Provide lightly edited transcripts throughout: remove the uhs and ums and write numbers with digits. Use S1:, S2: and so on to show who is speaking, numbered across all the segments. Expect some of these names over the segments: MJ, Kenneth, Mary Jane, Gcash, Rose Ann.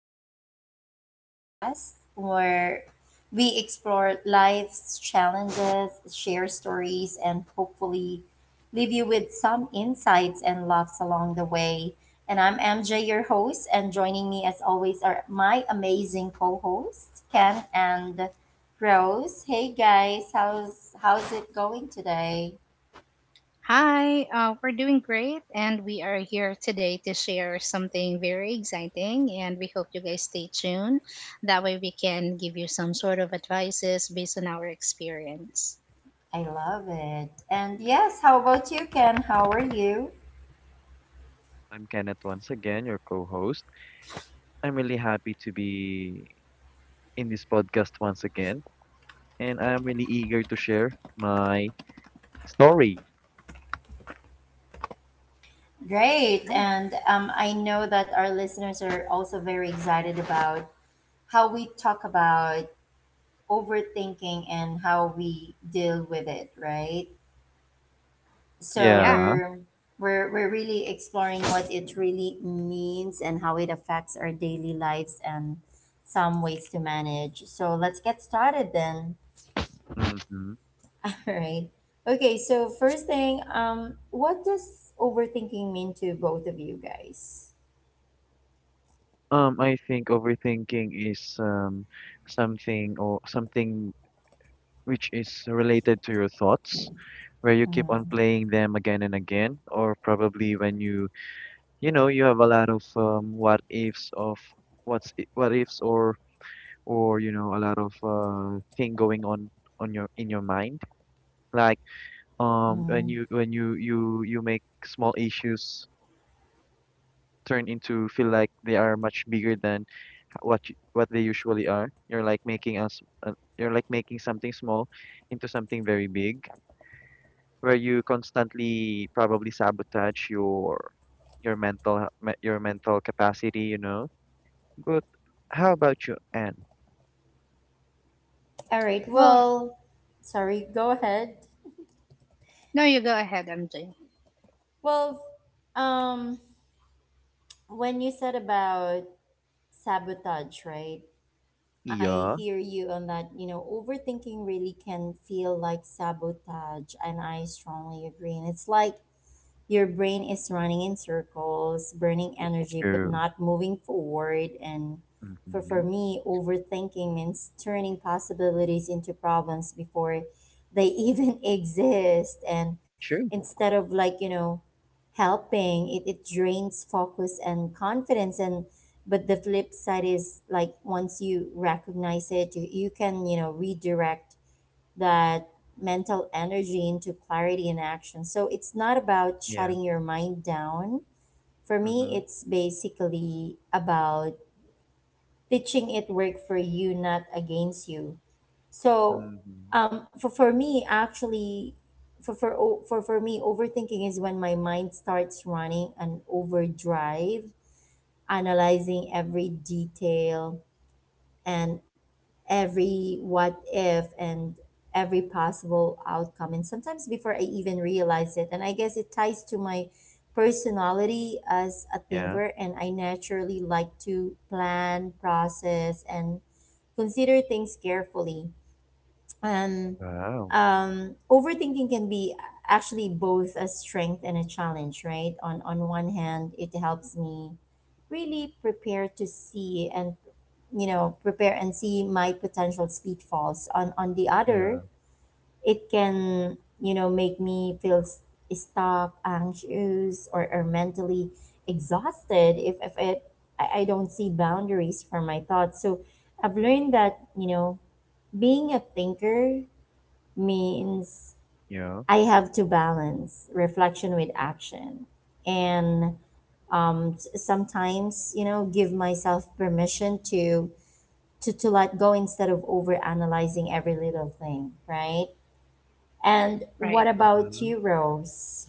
S1: back to the podcast where we explore life's challenges, share stories, and hopefully leave you with some insights and laughs along the way. And I'm MJ, your host, and joining me as always are my amazing co-hosts, Ken and Rose. Hey guys, how's it going today?
S2: Hi, we're doing great, and we are here today to share something very exciting. And we hope you guys stay tuned. That way, we can give you some sort of advices based on our experience.
S1: I love it. And yes, how about you, Ken? How are you?
S3: I'm Kenneth once again, your co host. I'm really happy to be in this podcast once again, and I'm really eager to share my story.
S1: Great. And I know that our listeners are also very excited about how we talk about overthinking and how we deal with it, right? So
S2: Yeah.
S3: Yeah.
S1: we're really exploring what it really means and how it affects our daily lives and some ways to manage. So let's get started then.
S3: Mm-hmm.
S1: All right. Okay, so first thing, what does overthinking mean to both of you guys?
S3: I think overthinking is something which is related to your thoughts, where you keep on
S1: Mm.
S3: playing them again and again, or probably you know, you have a lot of what ifs of what ifs or you know a lot of thing going on your in your mind like
S1: Hmm.
S3: when you make small issues turn into feel like they are much bigger than what they usually are. You're like making us uh, you're like making something small into something very big where you constantly probably sabotage your your mental capacity, you know. But how about you? And
S1: All right.
S2: Well,
S1: Well, sorry. Go ahead.
S2: no, you go ahead, MJ.
S1: Well, um, when you said about sabotage, right? I
S3: yeah,
S1: hear you on that. You know, overthinking really can feel like sabotage, and I strongly agree. And it's like your brain is running in circles, burning energy, but
S3: true,
S1: not moving forward. And for
S3: mm-hmm,
S1: me, overthinking means turning possibilities into problems before they even exist. And instead of, like, you know, helping it, it drains focus and confidence and but the flip side is like once you recognize it, you can, you know, redirect that mental energy into clarity and action. So it's not about
S3: true.
S1: shutting your mind down. For me,
S3: Mm-hmm.
S1: it's basically about teaching it work for you, not against you. So
S3: Mm-hmm.
S1: for me, actually, for me, overthinking is when my mind starts running an overdrive, analyzing every detail and every what if and every possible outcome and sometimes before I even realize it, and I guess it ties to my personality as a
S3: Yeah.
S1: thinker, and I naturally like to plan, process, and consider things carefully. And
S3: Wow.
S1: Overthinking can be actually both a strength and a challenge, right? On one hand, it helps me really prepare to see and, you know, prepare and see my potential pitfalls. On the other,
S3: Yeah.
S1: it can, you know, make me feel stuck, anxious, or mentally exhausted if it I don't see boundaries for my thoughts. So I've learned that, you know, being a thinker means
S3: Yeah.
S1: I have to balance reflection with action and, sometimes, you know, give myself permission to to let go instead of overanalyzing every little thing, right? And what
S2: Right.
S1: about
S3: Mm-hmm.
S1: you, Rose?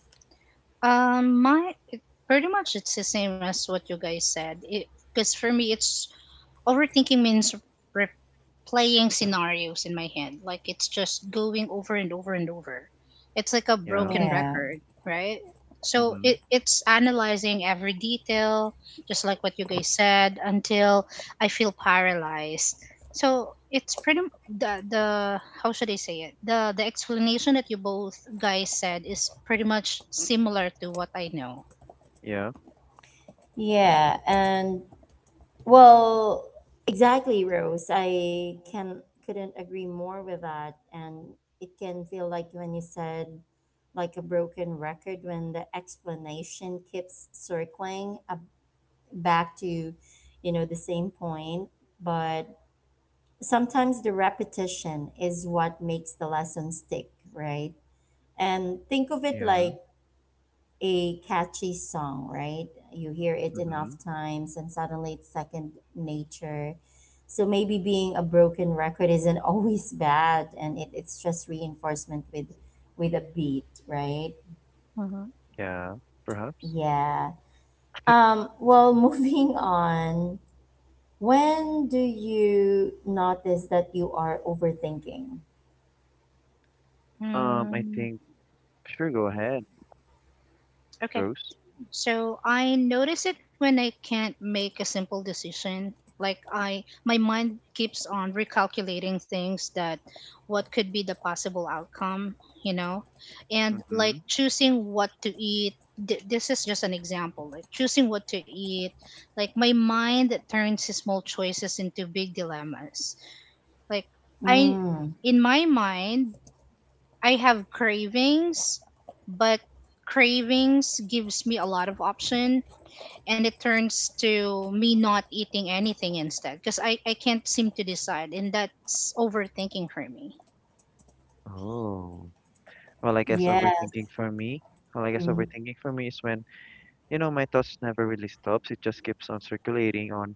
S2: Um, my it- Pretty much it's the same as what you guys said. Because for me, it's overthinking means replaying scenarios in my head. Like it's just going over and over and over. It's like a
S3: Yeah.
S2: broken
S1: Yeah.
S2: record, right? So
S3: Mm-hmm.
S2: it's analyzing every detail, just like what you guys said, until I feel paralyzed. So it's pretty the how should I say it? The explanation that you both guys said is pretty much similar to what I know.
S3: Yeah.
S1: Yeah. and Well, exactly, Rose. I can couldn't agree more with that. And it can feel like when you said like a broken record when the explanation keeps circling up back to, you know, the same point. But sometimes the repetition is what makes the lesson stick, right? And think of it
S3: Yeah.
S1: like a catchy song, right? You hear it
S3: Mm-hmm.
S1: enough times and suddenly it's second nature. So maybe being a broken record isn't always bad, and it's just reinforcement with a beat, right?
S2: Mm-hmm.
S3: Yeah. Perhaps.
S1: Yeah. Well, moving on, when do you notice that you are overthinking?
S3: I
S2: Mm,
S3: think sure, go ahead,
S2: okay.
S3: Rose.
S2: So I notice it when I can't make a simple decision. Like I my mind keeps on recalculating things that what could be the possible outcome, you know? And like
S3: Mm-hmm.
S2: choosing what to eat, this is just an example. Like choosing what to eat, like my mind turns small choices into big dilemmas. Like I
S1: Mm.
S2: in my mind, I have cravings, but cravings gives me a lot of option and it turns to me not eating anything instead because I can't seem to decide, and that's overthinking for me.
S3: Oh. Well, I guess
S1: Yes.
S3: overthinking for me. Well, I guess
S1: Hmm.
S3: overthinking for me is you know, my thoughts never really stops. It just keeps on circulating on,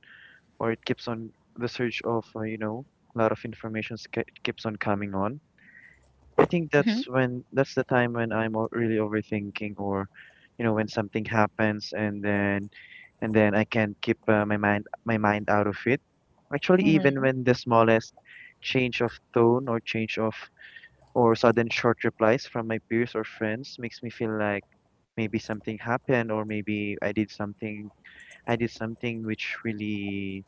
S3: or it keeps on the search of, you know, a lot of information keeps on coming on. I think
S2: Hmm.
S3: that's the time when I'm really overthinking, or you know, when something happens and then I can't keep my mind out of it. Actually, even
S2: Hmm.
S3: when the smallest change of tone or change of or sudden short replies from my peers or friends makes me feel like maybe something happened, or maybe I did something. Which really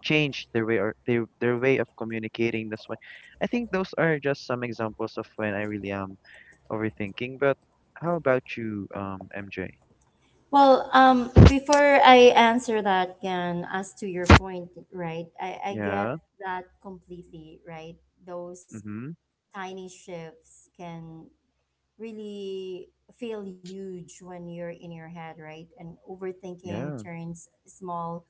S3: changed their way or their way of communicating. That's why I think those are just some examples of when I really am overthinking. But how about you, MJ?
S1: Well, before I answer that, Gan, as to your point, right? I get
S3: Yeah.
S1: that completely, right? Those
S3: Mm-hmm.
S1: tiny shifts can really feel huge when you're in your head, right? And overthinking
S3: Yeah.
S1: turns small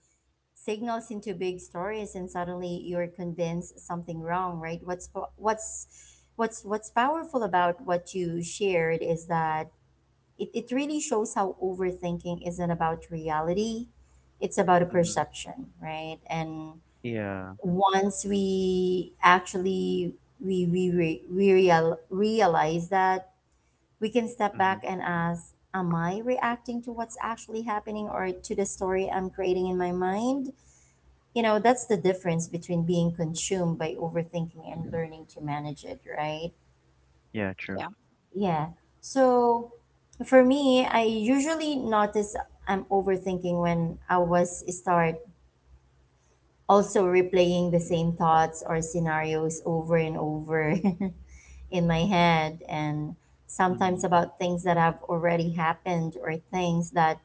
S1: signals into big stories, and suddenly you're convinced something wrong, right? What's powerful about what you shared is that it really shows how overthinking isn't about reality, it's about a
S3: Mm-hmm.
S1: perception, right? And
S3: Yeah.
S1: once we actually we, re, we real, realize that, we can step
S3: Mm-hmm.
S1: back and ask, am I reacting to what's actually happening or to the story I'm creating in my mind? You know, that's the difference between being consumed by overthinking and learning to manage it, right?
S3: Yeah,
S2: Yeah.
S3: true.
S1: Yeah. So for me, I usually notice I'm overthinking when I was start also replaying the same thoughts or scenarios over and over in my head, and
S3: Mm-hmm.
S1: sometimes about things that have already happened or things that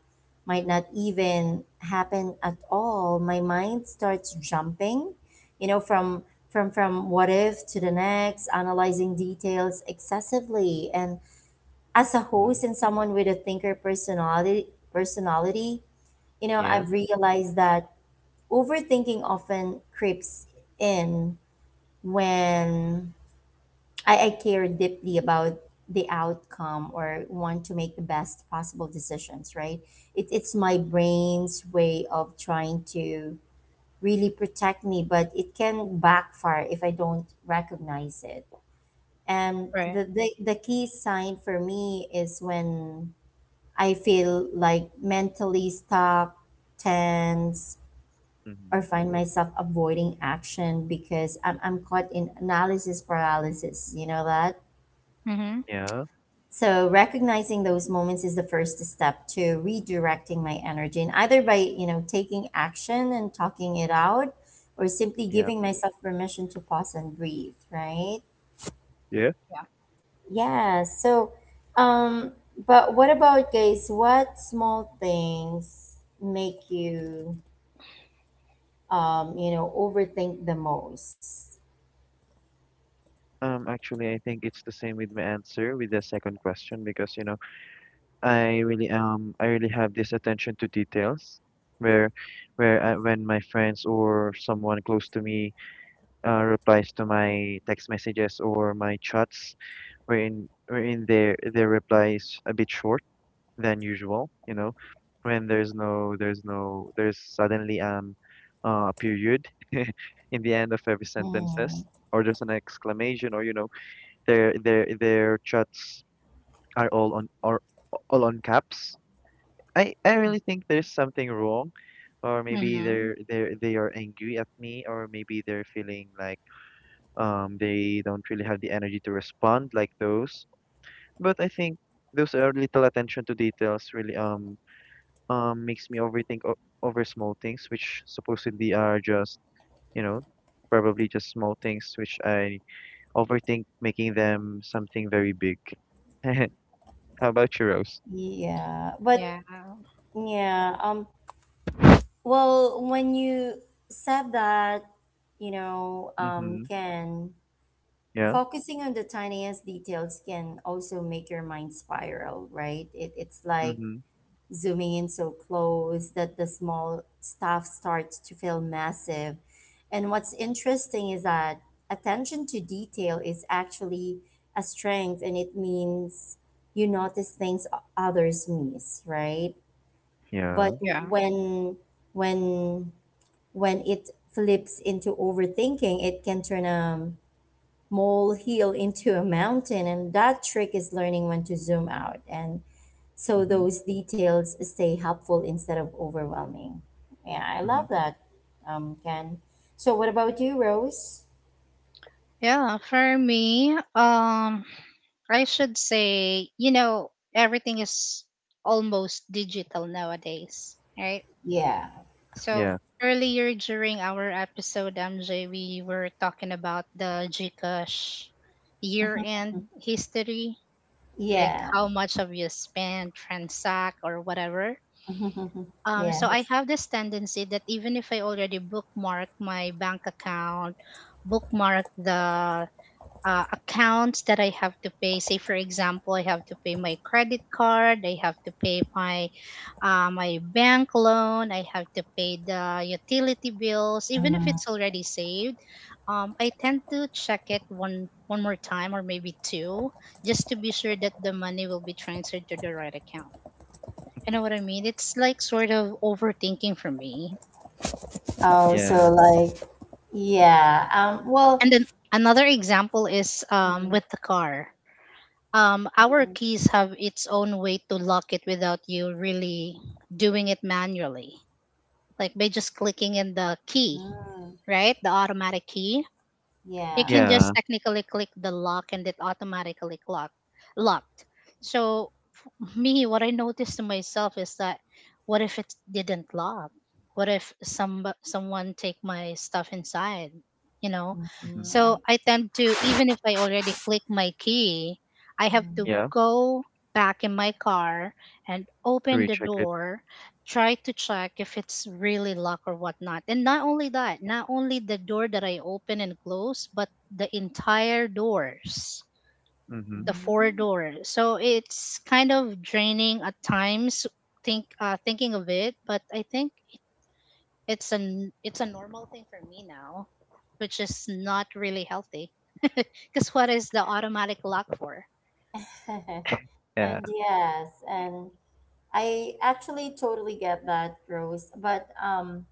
S1: might not even happen at all. My mind starts jumping, you know, from from what if to the next, analyzing details excessively and as a
S3: Mm-hmm.
S1: host and someone with a thinker personality personality, you know,
S3: Yeah.
S1: I've realized that overthinking often creeps in when I care deeply about the outcome or want to make the best possible decisions, right? It's my brain's way of trying to really protect me, but it can backfire if I don't recognize it. And
S2: Right.
S1: the key sign for me is when I feel like mentally stuck, tense,
S3: Mm-hmm.
S1: or find myself avoiding action because I'm caught in analysis paralysis. You know that?
S2: Hmm.
S3: Yeah.
S1: So recognizing those moments is the first step to redirecting my energy, and either by, you know, taking action and talking it out, or simply
S3: Yeah.
S1: giving myself permission to pause and breathe, right?
S3: Yeah.
S2: Yeah.
S1: Yeah. So, um, but what about guys? What small things make you, you know, overthink the most.
S3: Actually, I think it's the same with my answer with the second question because, you know, I really have this attention to details where where I, when my friends or someone close to me replies to my text messages or my chats, wherein their reply is a bit short than usual. You know, when there's no there's no there's suddenly a period in the end of every
S1: Mm.
S3: sentences, or there's an exclamation, or you know, their chats are all on caps. I really think there's something wrong. Or maybe
S2: Mm-hmm.
S3: they are angry at me, or maybe they're feeling like they don't really have the energy to respond, like those. But I think those are little attention to details really makes me overthink o over small things, which supposedly are just, you know, probably just small things which I overthink, making them something very big. How about you, Rose?
S1: Yeah, but
S2: Yeah.
S1: yeah, well, when you said that, you know,
S3: Mm-hmm.
S1: can
S3: Yeah.
S1: focusing on the tiniest details can also make your mind spiral, right? It's like
S3: Mm-hmm.
S1: zooming in so close that the small stuff starts to feel massive. And what's interesting is that attention to detail is actually a strength, and it means you notice things others miss, right?
S3: Yeah.
S1: But
S2: Yeah.
S1: when when it flips into overthinking, it can turn a molehill into a mountain, and that trick is learning when to zoom out and so
S3: Mm-hmm.
S1: those details stay helpful instead of overwhelming. Yeah, I
S3: Mm-hmm.
S1: love that, Ken. So, what about you, Rose?
S2: Yeah. For me, I should say, everything is almost digital nowadays, right?
S1: Yeah.
S2: So
S3: Yeah.
S2: earlier during our episode, MJ, we were talking about the Gcash year-end history, like
S1: Yeah.
S2: how much of you spend, transact, or whatever. So I
S1: Yes.
S2: have this tendency that even if I already bookmark my bank account, bookmark the, accounts that I have to pay. Say, for example, I have to pay my credit card, I have to pay my, my bank loan, I have to pay the utility bills, even if
S1: Mhm.
S2: it's already saved. I tend to check it one more time or maybe two, just to be sure that the money will be transferred to the right account. You know what I mean? It's like sort of overthinking for me.
S1: Oh,
S3: Yeah.
S1: so like, yeah. Well,
S2: And then another example is,
S1: mm
S2: with the car. Our keys have its own way to lock it without you really doing it manually. Like by just clicking in the key,
S1: mm,
S2: right? The automatic key. You can
S1: yeah.
S3: Yeah.
S2: just technically click the lock and it automatically locked. So me, what I noticed to myself is that, what if it didn't lock? What if someone take my stuff inside? You know,
S3: Mm-hmm.
S1: hmm
S2: so
S1: I,
S2: I tend to, even if I already click my key, I have to
S1: mm
S3: Yeah.
S2: go back in my car and
S3: To
S2: open the
S3: recheck it.
S2: door, try to check if it's really locked or whatnot. And not only that, not only the door that I open and close, but the entire doors,
S3: Mm-hmm.
S2: the four
S1: mm.
S2: doors. So it's kind of draining at times. Thinking of it, but I think it's a normal thing for me now, which is not really healthy. Because what is the automatic lock for?
S3: Yeah.
S1: And yes,
S2: Right.
S1: and I actually totally get that, Rose. But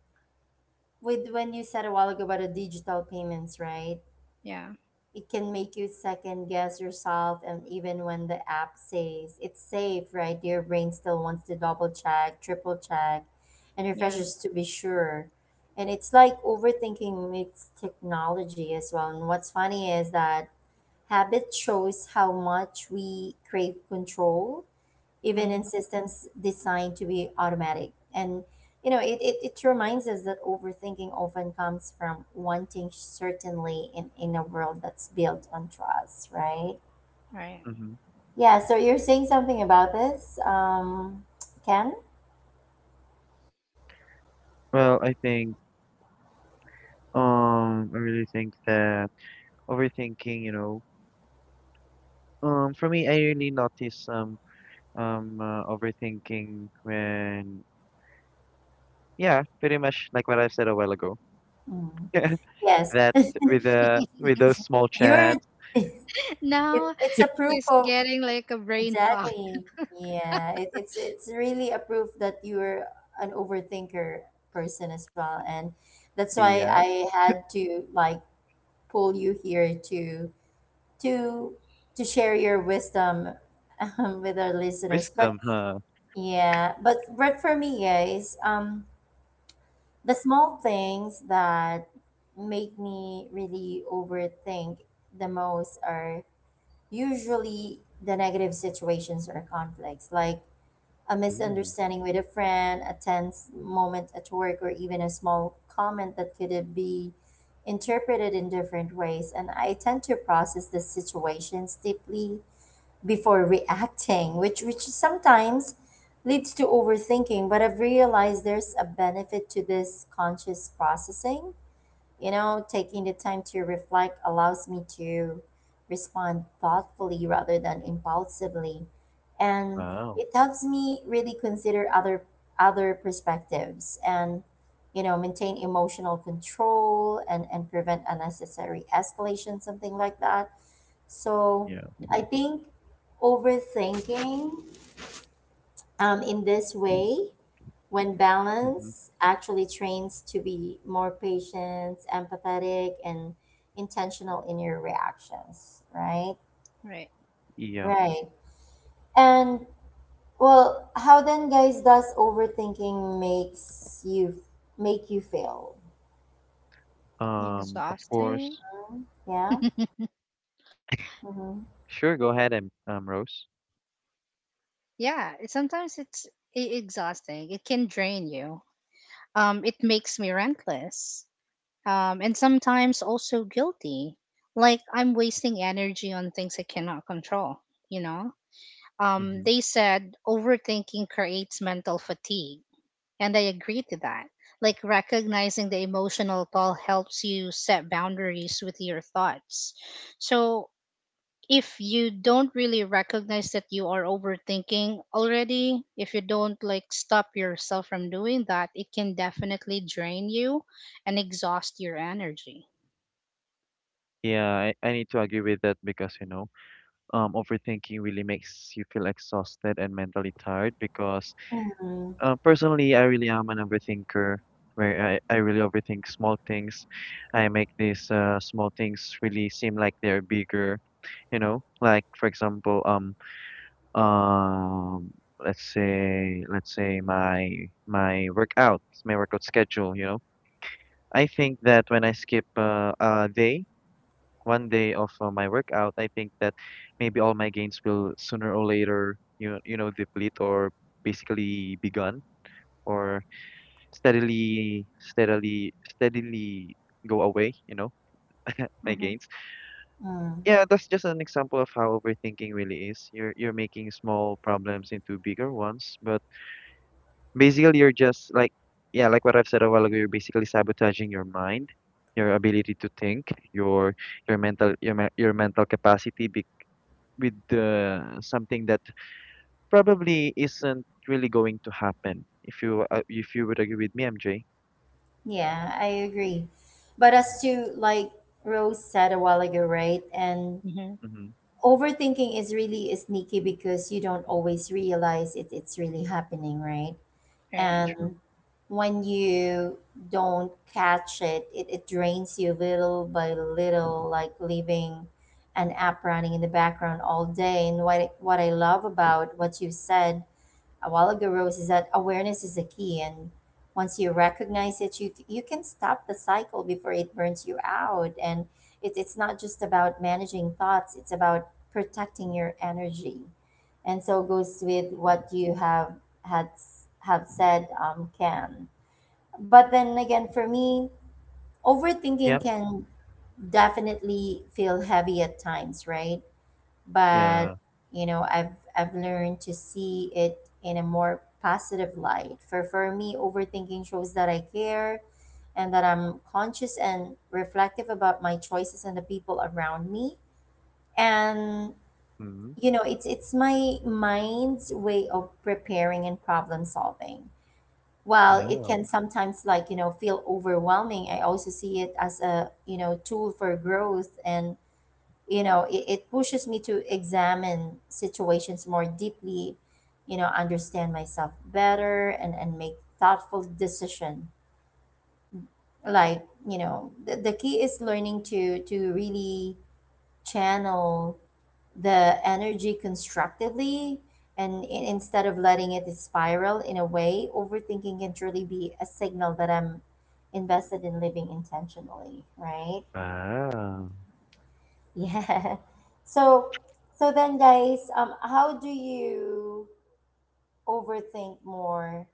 S1: with when you said a while ago about the digital payments, right?
S2: Yeah,
S1: It can make you second guess yourself, and even when the app says it's safe, right? Your brain still wants to double check, triple check, and
S2: yeah,
S1: refreshes to be sure. And it's like overthinking meets technology as well. And what's funny is that habit shows how much we crave control even in
S2: mm,
S1: systems designed to be automatic. And you know, it reminds us that overthinking often comes from wanting certainly in a world that's built on trust, right?
S2: right.
S3: Mm-hmm.
S1: Yeah, so you're saying something about this, Ken?
S3: Well, I think I really think that overthinking, you know, for me, I really notice overthinking when, yeah, pretty much like what I said a while ago.
S1: Mm. Yes,
S3: That With the with those small
S1: you're.
S3: chats,
S1: It,
S2: Now
S1: it's a proof
S2: it's
S1: of
S2: getting like a brain fog.
S1: exactly. Yeah, it's it's really a proof that you're an overthinker person as well, and that's why
S3: yeah,
S1: I had to like pull you here to to to share your wisdom with our listeners. But
S3: wisdom, huh?
S1: yeah, but for me, guys, the small things that make me really overthink the most are usually the negative situations or conflicts, like a
S3: Ooh,
S1: misunderstanding with a friend, a tense moment at work, or even a small comment that could be interpreted in different ways. And I tend to process the situations deeply before reacting, which sometimes leads to overthinking. But I've realized there's a benefit to this conscious processing, you know, taking the time to reflect allows me to respond thoughtfully rather than impulsively, and
S3: wow,
S1: it helps me really consider other perspectives and, you know, maintain emotional control and prevent unnecessary escalation, something like that. So
S3: yeah,
S1: I think overthinking, in this way when
S3: hmm,
S1: balance actually trains to be more patient, empathetic, and intentional in your reactions, right?
S2: Right.
S3: yeah.
S1: Right. And well, how then, guys, does overthinking make you feel?
S3: Of course,
S2: Exhausting.
S1: Yeah. Mm-hmm.
S3: sure. Go ahead, and Rose.
S2: Yeah, sometimes it's exhausting. It can drain you. It makes me relentless. And sometimes also guilty. Like I'm wasting energy on things I cannot control, you know? Um,
S3: Hmm.
S2: they said overthinking creates mental fatigue, and I agree to that. Like recognizing the emotional toll helps you set boundaries with your thoughts. So if you don't really recognize that you are overthinking already, if you don't like stop yourself from doing that, it can definitely drain you and exhaust your energy.
S3: Yeah, I need to agree with that because, you know, overthinking really makes you feel exhausted and mentally tired because
S1: Mm-hmm.
S3: uh, personally, I really am an overthinker where I really overthink small things. I make these small things really seem like they're bigger, you know? Like for example, um let's say my workout, my workout schedule, you know? I think that when I skip one day of my workout, I think that maybe all my gains will sooner or later, you know, deplete or basically be gone or steadily go away, you know, my
S2: Mm-hmm.
S3: gains.
S1: Mm.
S3: Yeah, that's just an example of how overthinking really is. You're making small problems into bigger ones, but basically you're just like, yeah, like what I've said a while ago, you're basically sabotaging your mind, your ability to think, your your mental capacity with something that probably isn't really going to happen. If you would agree with me, MJ.
S1: Yeah, I agree. But as to like Rose said a while ago, right? And
S2: Mm-hmm.
S3: Mm-hmm.
S1: overthinking is really sneaky because you don't always realize it, it's really happening, right? And
S2: Right.
S3: True.
S1: when you don't catch it, it drains you little by little, like leaving an app running in the background all day. And what I love about what you said a while ago, Rose, is that awareness is the key. And once you recognize it, you can stop the cycle before it burns you out. And it's not just about managing thoughts; it's about protecting your energy. And so goes with what you had have said, Ken. But then again, for me,
S3: Yeah.
S1: overthinking can definitely feel heavy at times, right? But
S3: Yeah.
S1: you know i've I've learned to see it in a more positive light. For me, overthinking shows that I care and that I'm conscious and reflective about my choices and the people around me. And
S3: Mm-hmm.
S1: it's my mind's way of preparing and problem solving. While it
S3: Wow.
S1: can sometimes feel overwhelming, I also see it as a tool for growth. And it pushes me to examine situations more deeply, understand myself better, and make thoughtful decision. like the key is learning to really channel the energy constructively, and instead of letting it spiral. In a way, overthinking can truly be a signal that I'm invested in living intentionally, right?
S3: Wow.
S1: Yeah. So so then, guys, how do you overthink more,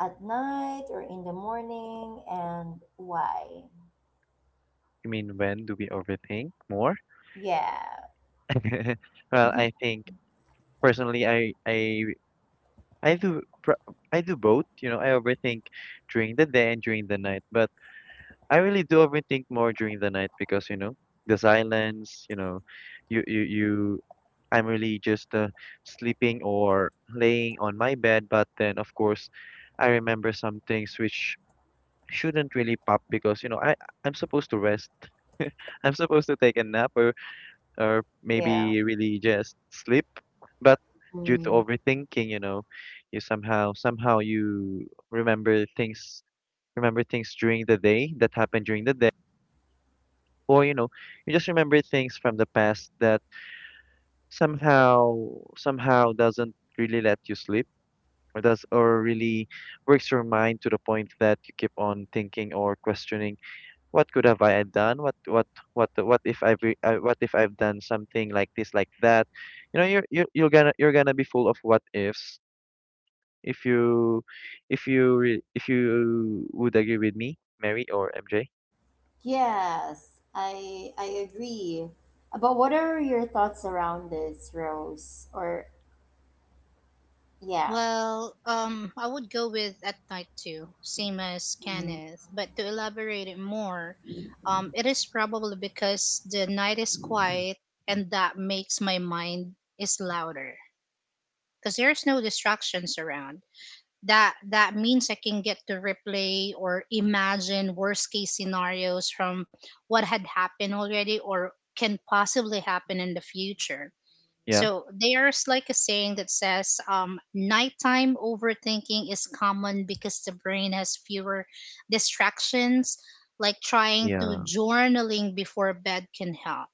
S1: at night or in the morning, and why?
S3: You mean when do we overthink more?
S1: Yeah.
S3: Well, I think personally, I do pr- I do both. You know, I overthink during the day and during the night, but I really do overthink more during the night because, you know, the silence. You know, you you you. I'm really just sleeping or laying on my bed, but then of course, I remember some things which shouldn't really pop because, you know, I'm supposed to rest. I'm supposed to take a nap or
S1: Yeah.
S3: maybe really just sleep, but due to
S1: Mm.
S3: overthinking, you know, you somehow you remember things remember things during the day that happened during the day, or you know, you just remember things from the past that somehow somehow doesn't really let you sleep or does, or really works your mind to the point that you keep on thinking or questioning, what could have I done? What what if what if I've done something like this, like that? You know, you're gonna be full of what ifs. If you if you would agree with me, Mary or MJ?
S1: Yes, I agree. But what are your thoughts around this, Rose? Or yeah.
S2: Well, I would go with at night too, same as Kenneth. But to elaborate it more, it is probably because the night is quiet and that makes my mind is louder because there's no distractions around. That means I can get to replay or imagine worst case scenarios from what had happened already or can possibly happen in the future.
S3: Yeah,
S2: So there's like a saying that says, nighttime overthinking is common because the brain has fewer distractions, like trying to
S3: yeah.
S2: journaling before bed can help.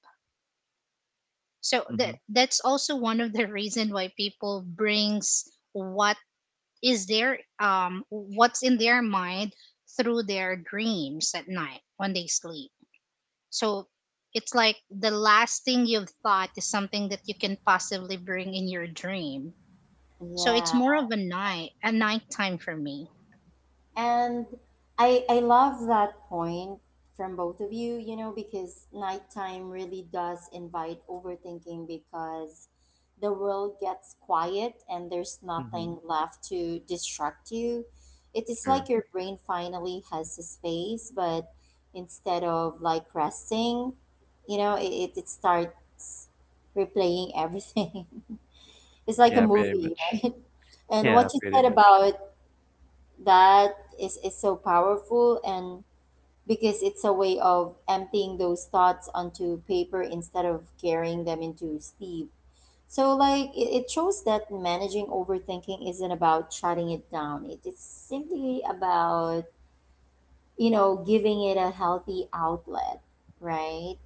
S2: So
S3: Mhm.
S2: that's also one of the reason why people brings what is there what's in their mind through their dreams at night when they sleep. So it's like the last thing you've thought is something that you can possibly bring in your dream. So it's
S1: Yeah.
S2: more of a nighttime for me.
S1: And I love that point from both of you, you know, because nighttime really does invite overthinking because the world gets quiet and there's
S3: Mhm.
S1: nothing left to distract you. It is
S3: Sure.
S1: like your brain finally has a space, but instead of resting, you know, it starts replaying everything. It's like a
S3: Yeah, pretty
S1: movie,
S3: much.
S1: right? And
S3: Yeah,
S1: what you
S3: pretty
S1: said
S3: much.
S1: about that is so powerful, and because it's a way of emptying those thoughts onto paper instead of carrying them into sleep. So like it shows that managing overthinking isn't about shutting it down, it's simply about giving it a healthy outlet, right?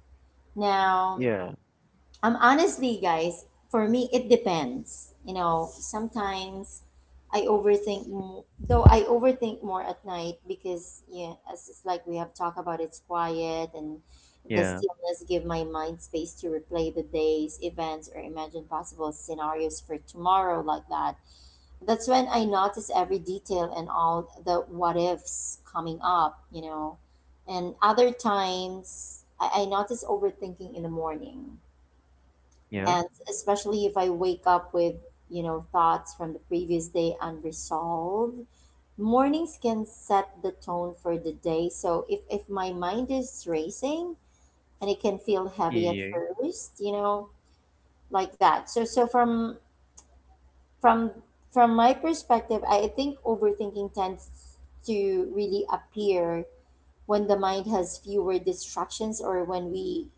S1: Now
S3: Yeah.
S1: honestly, guys, for me, it depends. You know, sometimes I overthink, though I overthink more at night because, yeah, as it's like we have talked about, it's quiet, and the
S3: Yeah.
S1: stillness give my mind space to replay the day's events or imagine possible scenarios for tomorrow like that. That's when I notice every detail and all the what ifs coming up, you know. And other times, I notice overthinking in the morning,
S3: Yeah.
S1: and especially if I wake up with, you know, thoughts from the previous day unresolved. Mornings can set the tone for the day. So if my mind is racing, and it can feel heavy at
S3: Yeah.
S1: first, you know, like that. So from from my perspective, I think overthinking tends to really appear when the mind has fewer distractions, or when we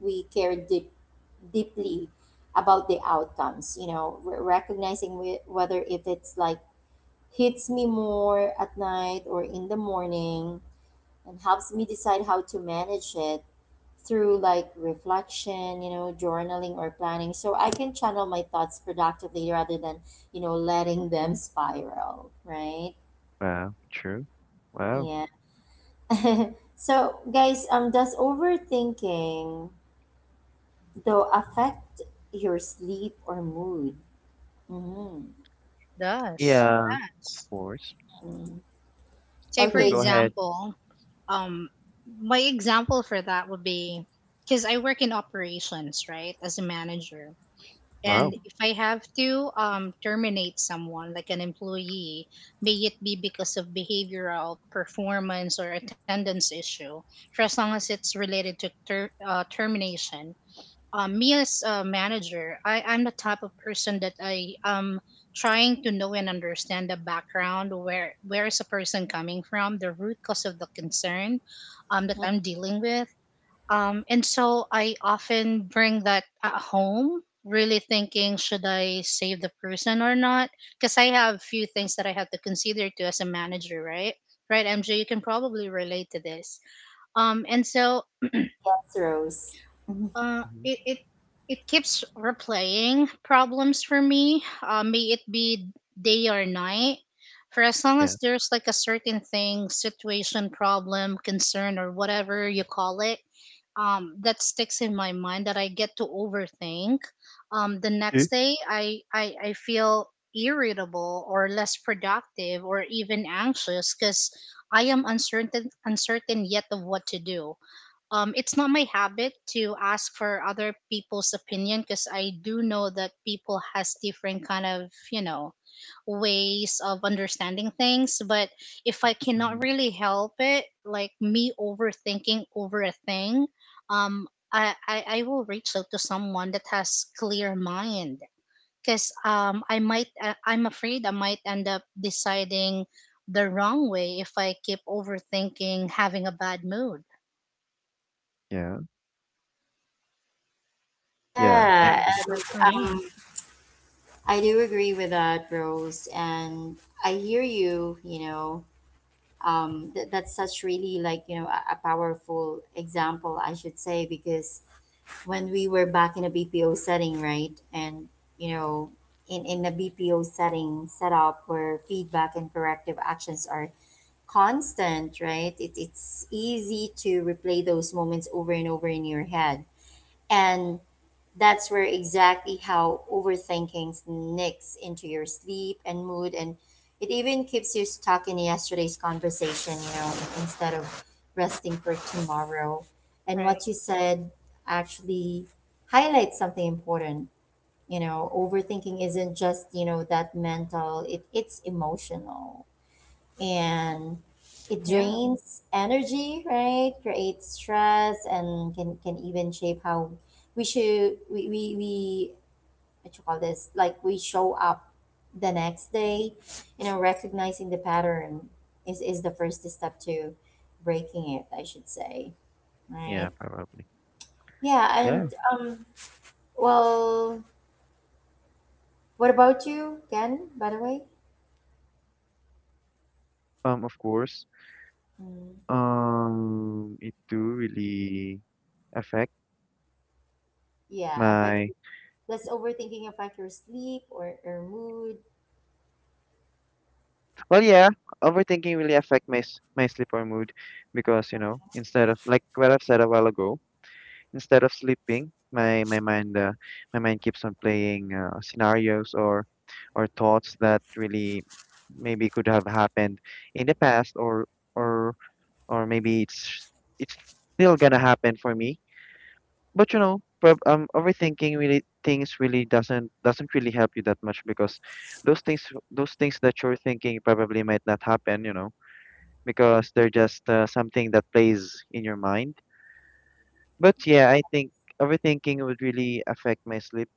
S1: we care deeply about the outcomes. You know, recognizing whether if it's like hits me more at night or in the morning and helps me decide how to manage it through like reflection, you know, journaling or planning, so I can channel my thoughts productively rather than, you know, letting them spiral, right?
S3: Wow. True. Wow.
S1: Yeah. So guys, does overthinking though affect your sleep or mood? Mm-hmm.
S2: Does,
S3: Yeah. Of
S2: yes.
S3: course.
S1: Mm-hmm.
S2: Say, for
S3: Sure.
S1: Okay,
S3: Go ahead.
S2: example, um my example for that would be, because I work in operations, right, as a manager.
S3: Wow.
S2: And if I have to, terminate someone, like an employee, may it be because of behavioral, performance, or attendance issue, for as long as it's related to termination. Me as a manager, I'm the type of person that I am trying to know and understand the background, where is a person coming from, the root cause of the concern that I'm dealing with. And so I often bring that at home, really thinking, should I save the person or not? Because I have few things that I have to consider too as a manager, right? Right, MJ, you can probably relate to this. And so,
S1: that's Rose. Mhm.
S2: uh,
S3: Mhm.
S2: it, it it keeps replaying problems for me, may it be day or night. For as long
S3: Yeah.
S2: as there's like a certain thing, situation, problem, concern, or whatever you call it, that sticks in my mind that I get to overthink. The
S3: Yeah.
S2: next day, I feel irritable or less productive or even anxious because I am uncertain yet of what to do. It's not my habit to ask for other people's opinion because I do know that people has different kind of, you know ways of understanding things. But if I cannot
S3: Mhm.
S2: really help it, like me overthinking over a thing, um, I will reach out to someone that has clear mind, because, I'm afraid I might end up deciding the wrong way if I keep overthinking having a bad mood.
S3: Yeah. Yeah.
S2: Yeah,
S1: Yeah.
S2: so that's for me.
S1: Um, I do agree with that, Rose, and I hear you. You know, that's such really a powerful example, I should say, because when we were back in a BPO setting, right, and you know, in a BPO setting setup where feedback and corrective actions are constant, right, it's easy to replay those moments over and over in your head, and that's where exactly how overthinking sneaks into your sleep and mood, and it even keeps you stuck in yesterday's conversation, you know, instead of resting for tomorrow. And
S2: Right.
S1: what you said actually highlights something important. You know, overthinking isn't just, you know, that mental, it's emotional, and it
S2: Yeah.
S1: drains energy, right? Creates stress and can even shape how we should we what you call this like we show up the next day. You know, recognizing the pattern is the first step to breaking it, I should say, right?
S3: Yeah, probably.
S1: Yeah, and
S3: Yeah,
S1: um, well, what about you, Ken? By the way,
S3: of course.
S1: mm,
S3: It do really affect
S1: yeah, affect.
S3: my,
S1: Your, less overthinking affect your sleep or mood?
S3: well, yeah, overthinking really affect my sleep or mood because, you know, instead of like what I've said a while ago, instead of sleeping, my mind keeps on playing scenarios or thoughts that really maybe could have happened in the past, or or maybe it's still gonna happen for me. But you know, prob overthinking really things really doesn't really help you that much because those things those things that you're thinking probably might not happen, you know, because they're just something that plays in your mind. But yeah, I think overthinking would really affect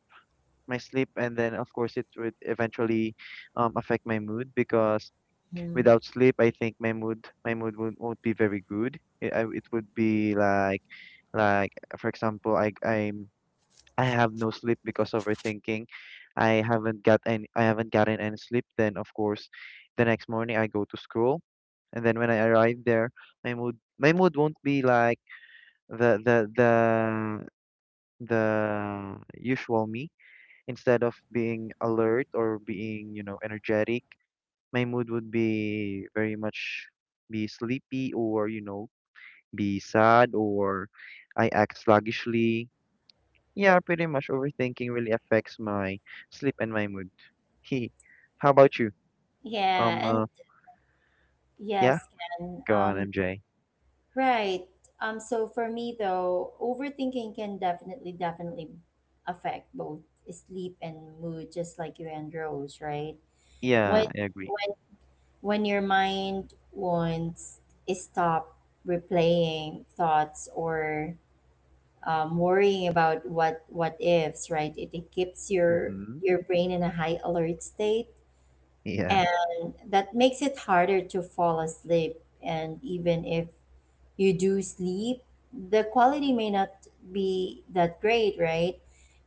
S3: my sleep, and then of course it would eventually affect my mood because
S1: Hmm.
S3: without sleep I think my mood won't be very good. It would be like, for example, I have no sleep because overthinking. I haven't gotten any sleep. Then of course, the next morning I go to school, and then when I arrive there, my mood won't be like the the the the usual me. Instead of being alert or being, you know, energetic, my mood would be very much be sleepy, or you know, be sad or I act sluggishly. Yeah, pretty much overthinking really affects my sleep and my mood. He, how about you?
S1: Yeah,
S3: Um,
S1: and
S3: uh, yeah,
S1: yes, can.
S3: go on, MJ.
S1: Right. So for me though, overthinking can definitely affect both sleep and mood, just like you and Rose, right? When
S3: Yeah, I agree.
S1: when when your mind wants to stop replaying thoughts or worrying about what ifs, right? It keeps
S3: Mm-hmm.
S1: your brain in a high alert state
S3: Yeah,
S1: that makes it harder to fall asleep. And even if you do sleep, the quality may not be that great, right?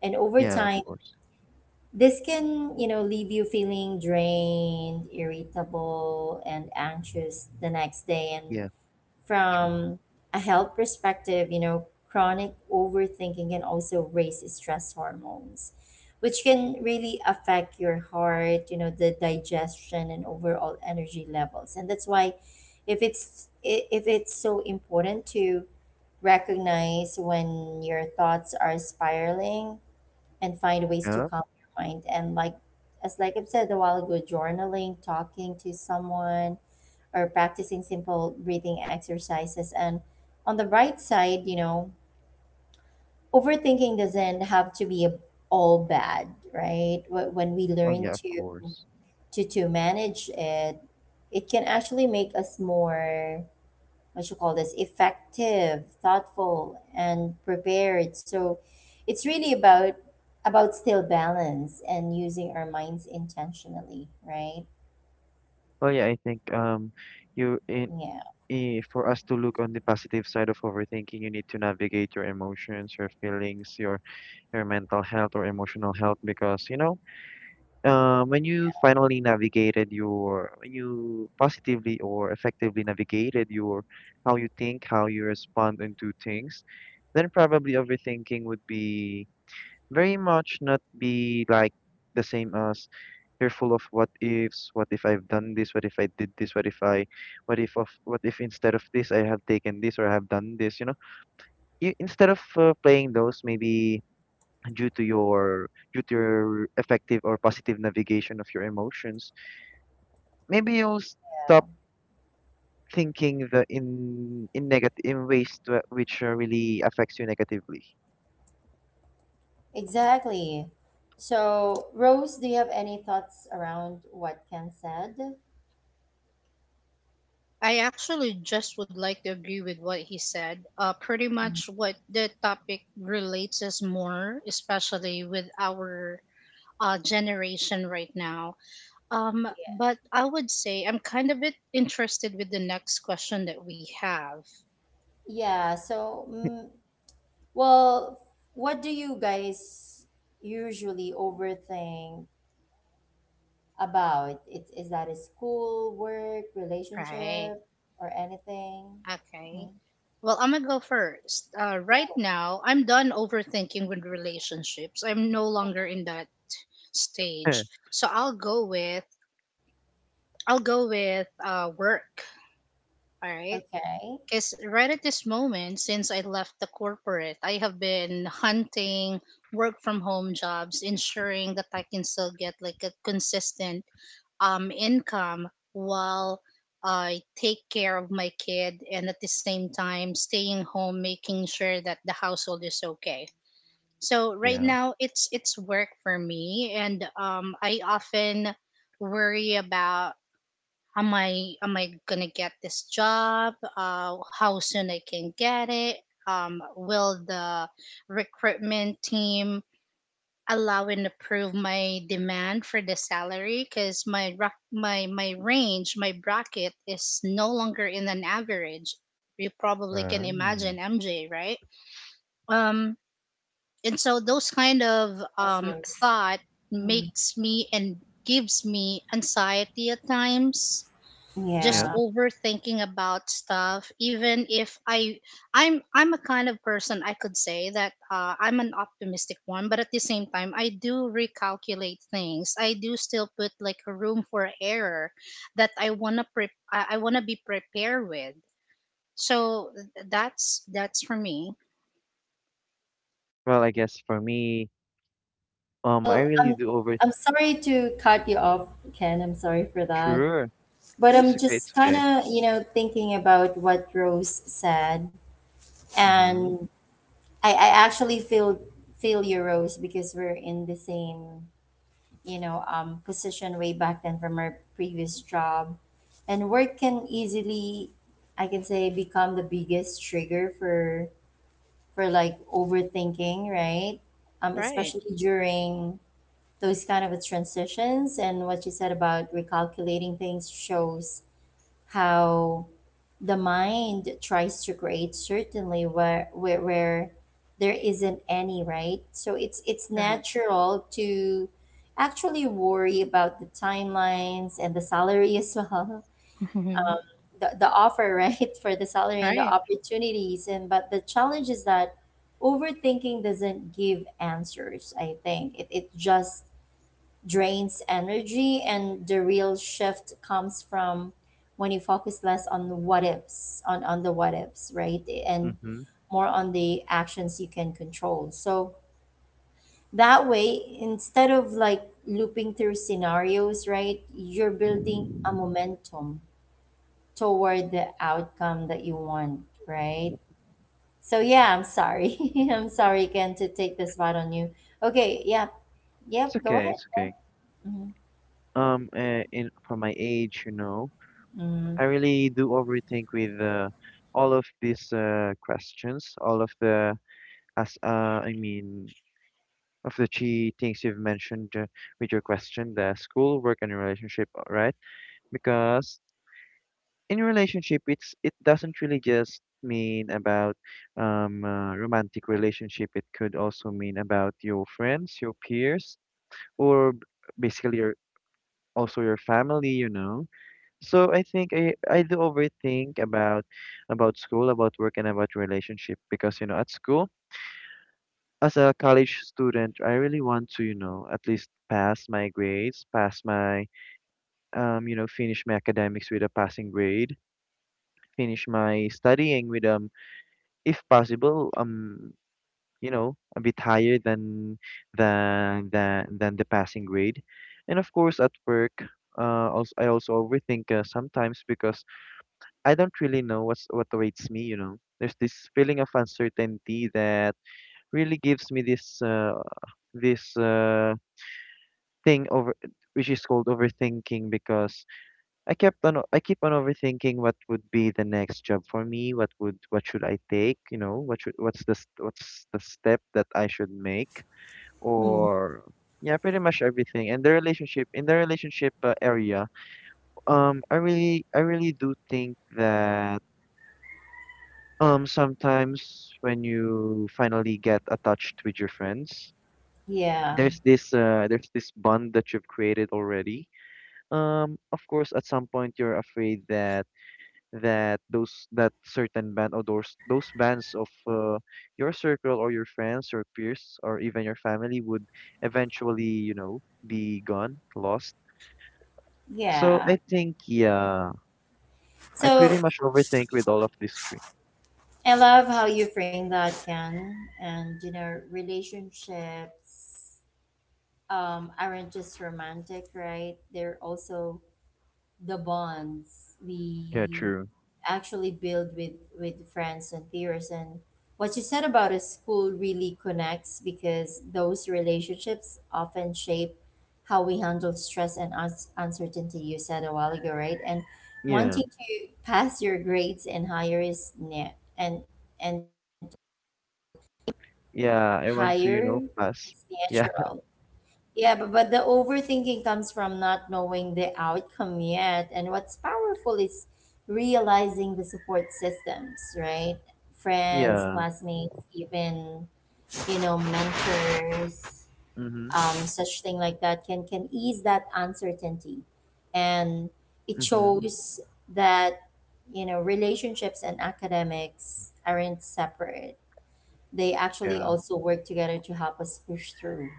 S1: And over
S3: yeah, of
S1: time,
S3: course.
S1: this can, you know, leave you feeling drained, irritable, and anxious the next day. And
S3: Yeah, true.
S1: from a health perspective, you know, chronic overthinking can also raise stress hormones, which can really affect your heart, you know, the digestion and overall energy levels. And that's why if it's so important to recognize when your thoughts are spiraling and find ways to
S3: Yeah,
S1: calm your mind. And like as like I've said a while ago, journaling, talking to someone, or practicing simple breathing exercises. And on the bright side, you know, overthinking doesn't have to be all bad, right? When we
S3: well,
S1: learn
S3: yeah, of
S1: to
S3: course.
S1: to manage it, it can actually make us more what you call this effective, thoughtful, and prepared. So it's really about still balance and using our minds intentionally, right?
S3: Well, yeah, I think you in,
S1: Yeah.
S3: I for us to look on the positive side of overthinking, you need to navigate your emotions, your feelings, your mental health or emotional health, because you know, when you finally navigated your when you positively or effectively navigated your how you think, how you respond into things, then probably overthinking would be very much not be like the same as you're full of what ifs. What if I've done this, what if I did this, what if instead of this I have taken this, or I have done this, you know, you instead of playing those, maybe due to your effective or positive navigation of your emotions, maybe you'll stop thinking the in negative in ways to, which really affects you negatively.
S1: Exactly. So, Rose, do you have any thoughts around what Ken said?
S2: I actually just would like to agree with what he said. Pretty
S1: Mm.
S2: much what the topic relates is more, especially with our, generation right now. Um, but I would say I'm kind of a bit interested with the next question that we have.
S1: Yeah, so, mm, well, what do you guys usually overthink about? It, is that a school, work,
S2: Right.
S1: relationship, or anything?
S2: Okay.
S1: Mhm.
S2: Well, I'm gonna go first. Right
S1: Go.
S2: now, I'm done overthinking with relationships. I'm no longer in that stage. So I'll go with, work. All right.
S1: Okay.
S2: Because right at this moment, since I left the corporate, I have been hunting work from home jobs, ensuring that I can still get like a consistent, income, while I take care of my kid and at the same time staying home, making sure that the household is okay. So right
S3: yeah.
S2: now, it's work for me, and, I often worry about, am I gonna get this job? How soon I can get it? Will the recruitment team allow and approve my demand for the salary? Because my range, my bracket is no longer in an average. You probably can imagine
S3: Um,
S2: MJ, right? Um, and so those kind of,
S1: Yes,
S2: um,
S1: Rose.
S2: thought
S1: Mm,
S2: makes me and gives me anxiety at times, just
S3: yeah.
S1: yeah.
S2: overthinking about stuff, even if I'm a kind of person, I could say, that, I'm an optimistic one, but at the same time I do recalculate things, I do still put like a room for error that I want to I want to be prepared with. So that's for me.
S3: Well, I guess for me, I
S1: Well,
S3: really do over.
S1: I'm sorry to cut you off, Ken. I'm sorry for that.
S3: Sure.
S1: But
S3: It's
S1: I'm
S3: okay. It's
S1: just kind
S3: okay.
S1: of, you know, thinking about what Rose said,
S3: Mhm.
S1: and I actually feel you, Rose, because we're in the same, you know, position way back then from our previous job, and work can easily, I can say, become the biggest trigger for overthinking, right?
S2: Right.
S1: Especially during those kind of transitions, and what you said about recalculating things shows how the mind tries to create certainly where, there isn't any, right? So it's
S2: Right.
S1: natural to actually worry about the timelines and the salary as well, the offer, right? For the salary and the
S2: Right.
S1: opportunities. And but the challenge is that overthinking doesn't give answers. I think it just drains energy, and the real shift comes from when you focus less on the what ifs, on the what ifs, right? And
S3: Mhm.
S1: more on the actions you can control. So that way, instead of like looping through scenarios, right, you're building a momentum toward the outcome that you want, right? So yeah, I'm sorry. I'm sorry again to take this spot on you. Okay, yeah. Yep,
S3: It's
S1: go
S3: okay.
S1: ahead.
S3: It's okay. In for my age, you know,
S1: Mm,
S3: I really do overthink with all of these questions, all of the As I mean, of the three things you've mentioned with your question, the school, work, and relationship, right? Because in relationship, it doesn't really just mean about romantic relationship. It could also mean about your friends, your peers, or b- basically your also your family. So I think I do overthink about school, about work, and about relationship because you know at school as a college student, I really want to, you know, at least pass my grades, pass my, you know, finish my academics with a passing grade, finish my studying if possible, a bit higher than than the passing grade, and of course at work. Also, I also overthink sometimes because I don't really know what awaits me. You know, there's this feeling of uncertainty that really gives me this this thing over which is called overthinking because I keep on overthinking what would be the next job for me, what should I take, you know, what's what's the step that I should make
S1: mm,
S3: or yeah, pretty much everything. And the relationship in the relationship area, I really do think that sometimes when you finally get attached with your friends,
S1: yeah.
S3: there's this bond that you've created already. Of course, at some point you're afraid that that those that certain band or those bands of your circle or your friends or peers or even your family would eventually, you know, be gone, lost. So
S1: Yeah.
S3: I think, yeah, I
S1: So
S3: pretty much overthink with all of this tree.
S1: I love how you frame that, Ken. And you know, relationships aren't just romantic, right? They're also the bonds
S3: Yeah,
S1: we
S3: true.
S1: actually build with friends and peers. And what you said about a school really connects, because those relationships often shape how we handle stress and uncertainty, you said a while ago, right? And
S3: Yeah,
S1: wanting to pass your grades and higher is net and you know aim
S3: yeah, I want to, you
S1: higher
S3: know, pass.
S1: is
S3: Yeah.
S1: natural. Yeah, but the overthinking comes from not knowing the outcome yet. And what's powerful is realizing the support systems, right? Friends,
S3: Yeah.
S1: classmates, even, you know, mentors,
S3: Mhm.
S1: such thing like that can ease that uncertainty. And it
S3: Mhm.
S1: shows that, you know, relationships and academics aren't separate. They actually
S3: Yeah.
S1: also work together to help us push through,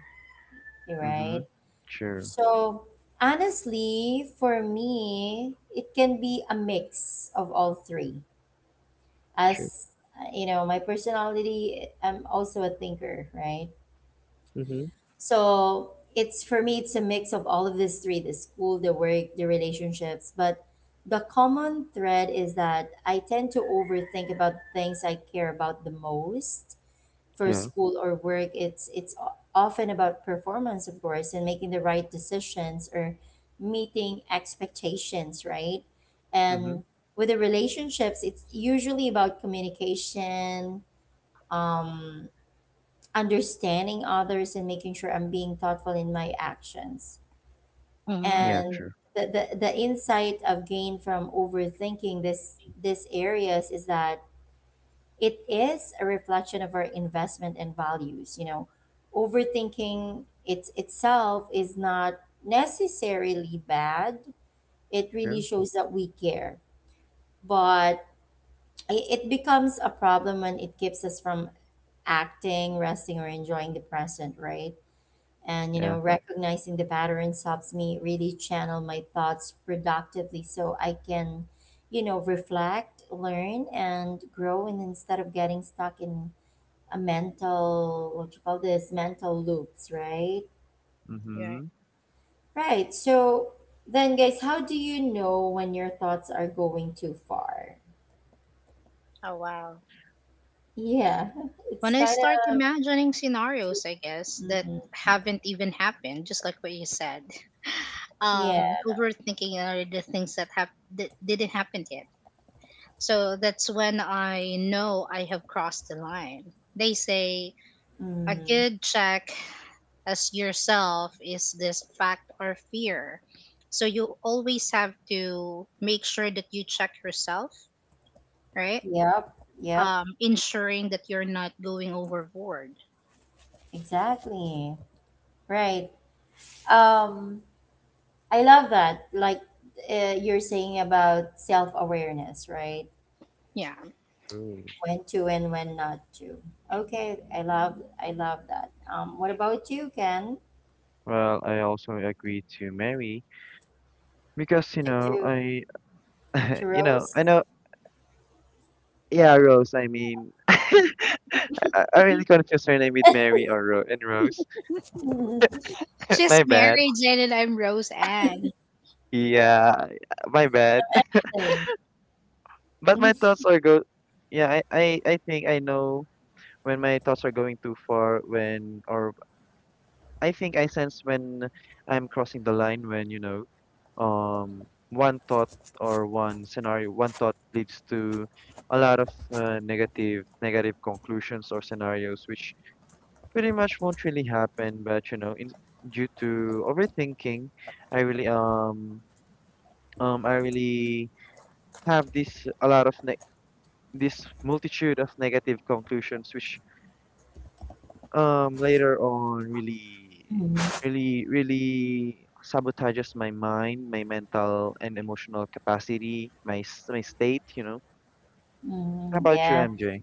S1: right?
S3: Mhm. Sure.
S1: So honestly, for me, it can be a mix of all three.
S3: True.
S1: As you know, my personality, I'm also a thinker, right?
S3: Mhm.
S1: So it's for me, it's a mix of all of these three: the school, the work, the relationships. But the common thread is that I tend to overthink about things I care about the most. For
S3: Yeah.
S1: school or work, it's often about performance, of course, and making the right decisions or meeting expectations, right?
S3: Mhm.
S1: And with the relationships, it's usually about communication, um understanding others, and making sure I'm being thoughtful in my actions.
S2: Mm-hmm.
S3: Yeah.
S1: And
S3: True.
S1: the insight I've gained from overthinking this areas is that it is a reflection of our investment and values. You know, overthinking it itself is not necessarily bad. It really
S3: Sure.
S1: shows that we care. But it becomes a problem when it keeps us from acting, resting, or enjoying the present, right? And you
S3: Yeah.
S1: know recognizing the patterns helps me really channel my thoughts productively, so I can, you know, reflect, learn and grow, and instead of getting stuck in a mental what you call this mental loops, right?
S2: Yeah.
S3: Mm-hmm.
S1: Right, so then guys, how do you know when your thoughts are going too far?
S2: Oh, wow.
S1: Yeah. It's
S2: When I
S1: kind
S2: start
S1: of
S2: imagining scenarios, I guess, that
S1: mm
S2: haven't even happened, just like what you said.
S1: yeah
S2: Overthinking are the things that didn't happen yet. So that's when I know I have crossed the line. They say a
S1: mm,
S2: good check as yourself is this fact or fear. So you always have to make sure that you check yourself, right?
S1: yep, yep,
S2: Ensuring that you're not going overboard.
S1: exactly, right. um I love that. Like, you're saying about self-awareness, right?
S2: Yeah.
S3: True.
S1: When to and when not to. Okay, I love, I love that. What about you, Ken?
S3: Well, I also agree to Mary because
S1: to, to Churros.
S3: I know. Yeah, Rose. I mean, I I really confused her name with Mary or Ro and Rose.
S2: She's
S3: My bad.
S2: Mary Jane and I'm Rose Ann.
S3: Yeah, my bad.
S1: Hey.
S3: But my
S1: Mhm.
S3: thoughts are go. Yeah, I, I think I know when my thoughts are going too far when or I think I sense when I'm crossing the line when, you know, one thought or one thought leads to a lot of negative conclusions or scenarios, which pretty much won't really happen. But you know, due to overthinking, I really um I really have this a lot of ne- this multitude of negative conclusions, which later on really
S1: Mm,
S3: really sabotages my mind, my mental and emotional capacity, my state, you know. How
S1: mm,
S3: about you,
S1: yeah.
S3: MJ?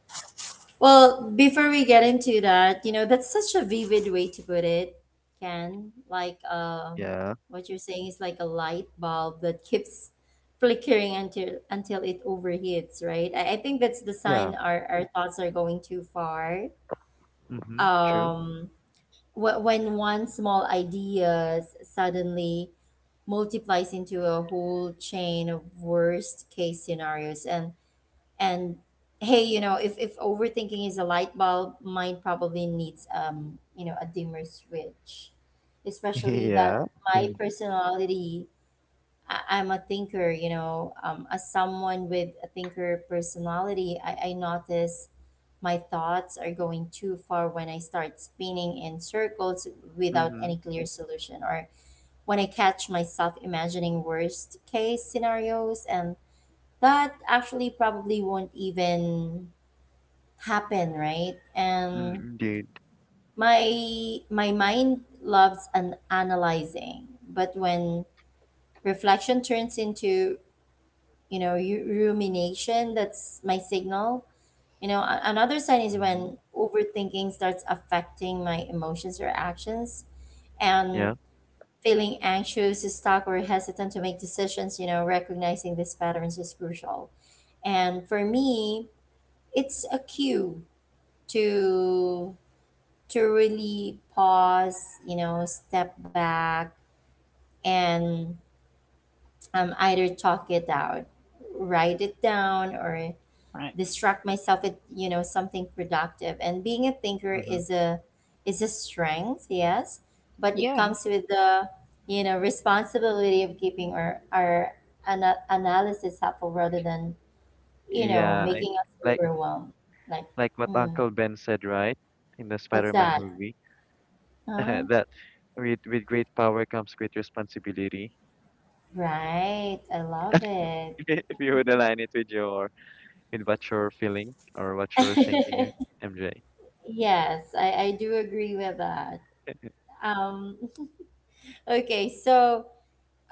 S1: Well, before we get into that, you know, that's such a vivid way to put it, Ken. Like,
S3: Yeah.
S1: what you're saying is like a light bulb that keeps flickering until it overheats, right? I think that's the
S3: Yeah.
S1: sign our thoughts are going too far.
S3: Mm-hmm, true.
S1: Um, when one small idea suddenly multiplies into a whole chain of worst case scenarios and hey, you know, if overthinking is a light bulb, mine probably needs a dimmer switch, especially
S3: Yeah.
S1: that my
S3: Mm-hmm.
S1: personality. I'm a thinker, as someone with a thinker personality, I notice my thoughts are going too far when I start spinning in circles without any
S3: Mm-hmm.
S1: clear solution, or when I catch myself imagining worst case scenarios, and that actually probably won't even happen, right?
S3: Mm,
S1: And
S3: indeed.
S1: my mind loves an analyzing, but when reflection turns into rumination, that's my signal. You know, another sign is
S3: Mm-hmm.
S1: when overthinking starts affecting my emotions or actions and
S3: Yeah.
S1: feeling anxious, stuck, or hesitant to make decisions. You know, recognizing these patterns is crucial, and for me it's a cue to to really pause, you know, step back, and either talk it out, write it down, or
S2: Right.
S1: distract myself with something productive. And being a thinker
S3: Mm-hmm.
S1: is a strength, yes, but it
S2: Yeah.
S1: comes with the, you know, responsibility of keeping our analysis helpful rather than, you know,
S3: yeah I,
S1: making us
S3: like
S1: overwhelmed. Like,
S3: like what
S1: mm,
S3: Uncle Ben said, right, in the
S1: what's
S3: Spider-Man
S1: that?
S3: movie.
S1: Huh?
S3: That, with great power comes great responsibility.
S1: Right, I love it.
S3: If you would align it with your with what you're feeling or what you're thinking, eh, MJ?
S1: Yes, I do agree with that. um okay, so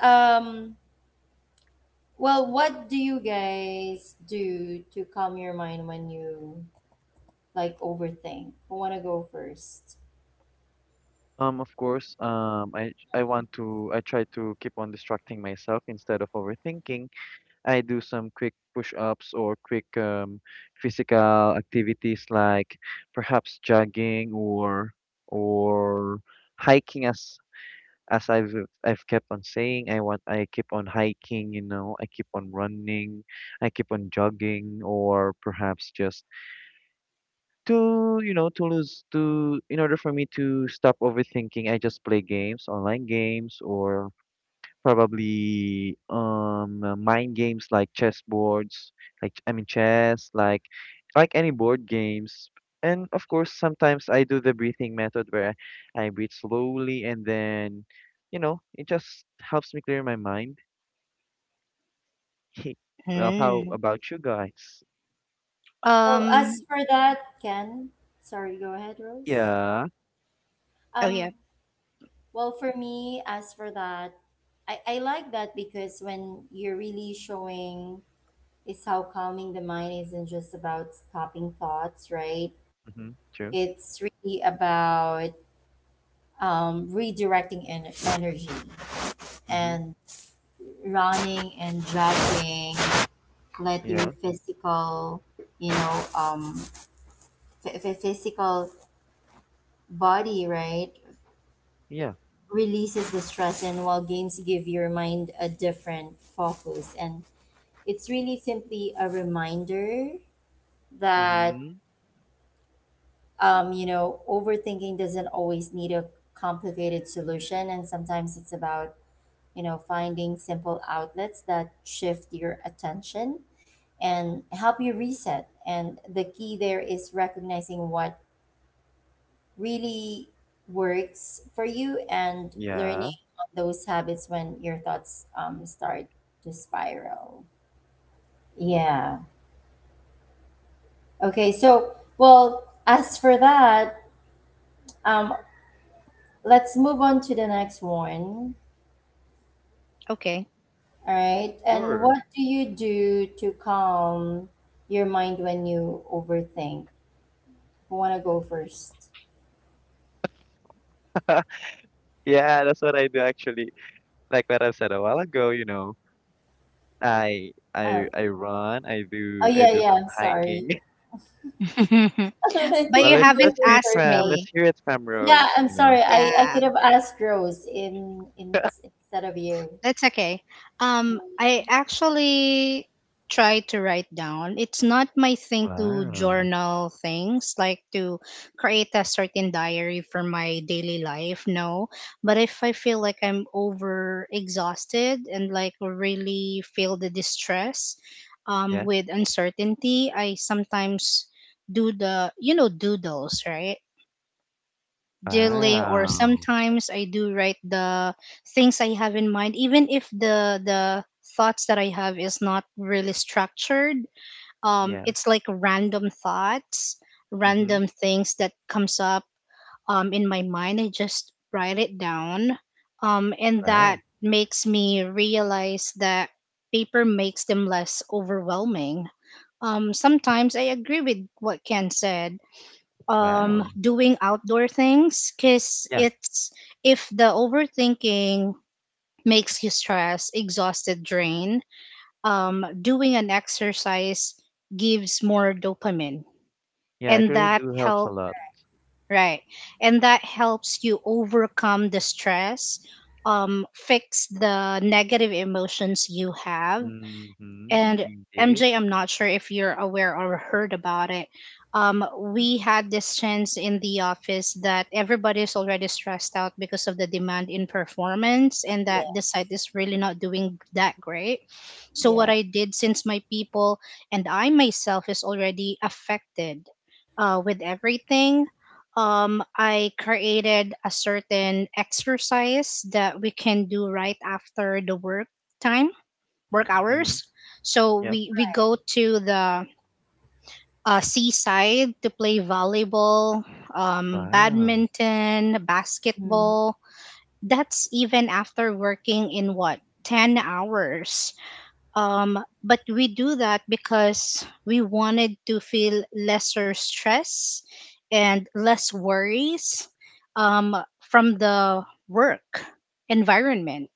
S1: um well, what do you guys do to calm your mind when you like overthink? Who want to go first?
S3: Of course, I want to I try to keep on distracting myself instead of overthinking. I do some quick push-ups or quick physical activities like perhaps jogging or hiking as as I've I've kept on saying. I want I keep on hiking, you know, I keep on running, I keep on jogging, or perhaps just to you know to lose to in order for me to stop overthinking, I just play games, online games, or probably mind games like chess boards, I mean chess, like any board games. And of course sometimes I do the breathing method where I breathe slowly, and then you know it just helps me clear my mind. Well, how
S2: Mm.
S3: about you guys?
S1: Well, as
S2: Um.
S1: for that, Ken, sorry, go ahead, Rose.
S3: Yeah.
S2: Oh
S1: Um,
S2: yeah.
S1: well, for me, as for that, I like that because when you're really showing is how calming the mind isn't just about stopping thoughts, right?
S3: Mm-hmm, true.
S1: It's really about, redirecting energy,
S3: Mm-hmm,
S1: and running and jogging let your
S3: yeah.
S1: physical, you know, physical body, right,
S3: Yeah.
S1: releases the stress, and while games give your mind a different focus. And it's really simply a reminder that,
S3: Mm-hmm.
S1: you know, overthinking doesn't always need a complicated solution, and sometimes it's about, you know, finding simple outlets that shift your attention and help you reset. And the key there is recognizing what really works for you and learning
S3: Yeah,
S1: on those habits when your thoughts start to spiral. Yeah. Okay. So, well, as for that, um, let's move on to the next one.
S2: Okay.
S1: All right. And
S3: sure.
S1: what do you do to calm your mind when you overthink? Who wanna go first?
S3: Yeah, that's what I do actually. Like what I've said a while ago, you know, I
S1: Uh,
S3: I I run,
S1: oh
S3: I
S1: yeah,
S3: do
S1: yeah.
S3: some
S1: Sorry.
S3: hiking.
S1: I
S2: But
S3: Well,
S1: think
S2: you
S1: I'm
S2: haven't
S1: going in
S2: asked
S1: circles.
S2: me.
S3: let's hear it from
S1: Yeah,
S3: Rose,
S1: I'm
S3: you know.
S1: sorry.
S2: Yeah.
S1: I could have asked Rose in instead of you.
S2: That's okay. I actually try to write down. It's not my thing to
S3: Wow.
S2: journal things, like to create a certain diary for my daily life. No, but if I feel like I'm over exhausted and like really feel the distress,
S3: Yeah.
S2: with uncertainty, I sometimes do the, doodles, right? Doodling, or
S3: Wow.
S2: sometimes I do write the things I have in mind even if the thoughts that I have is not really structured. um
S3: Yeah.
S2: it's like random thoughts,
S3: Mm-hmm.
S2: random things that comes up, in my mind. I just write it down, and that
S3: Wow.
S2: makes me realize that paper makes them less overwhelming. Sometimes I agree with what Ken said,
S3: Wow.
S2: doing outdoor things, because
S3: Yeah.
S2: it's if the overthinking makes you stressed, exhausted, drained, doing an exercise gives more dopamine,
S3: Yeah,
S2: and
S3: actually it
S2: that
S3: really do helps a
S2: help
S3: lot.
S2: right, and that helps you overcome the stress, fix the negative emotions you have,
S3: Mm-hmm.
S2: and
S3: Indeed.
S2: MJ, I'm not sure if you're aware or heard about it. Um, we had this chance in the office that everybody's already stressed out because of the demand in performance and
S1: Yeah,
S2: that the site is really not doing that great. So, what
S1: yeah.
S2: I did, since my people and I myself is already affected, with everything, I created a certain exercise that we can do right after the time work
S3: Mm-hmm.
S2: hours. So
S3: Yeah.
S2: we go to the, seaside to play volleyball,
S3: Wow.
S2: badminton,
S1: Mm.
S2: basketball. That's even after working in, what, 10 hours. Um, but we do that because we wanted to feel lesser stress and less worries, um, from the work environment.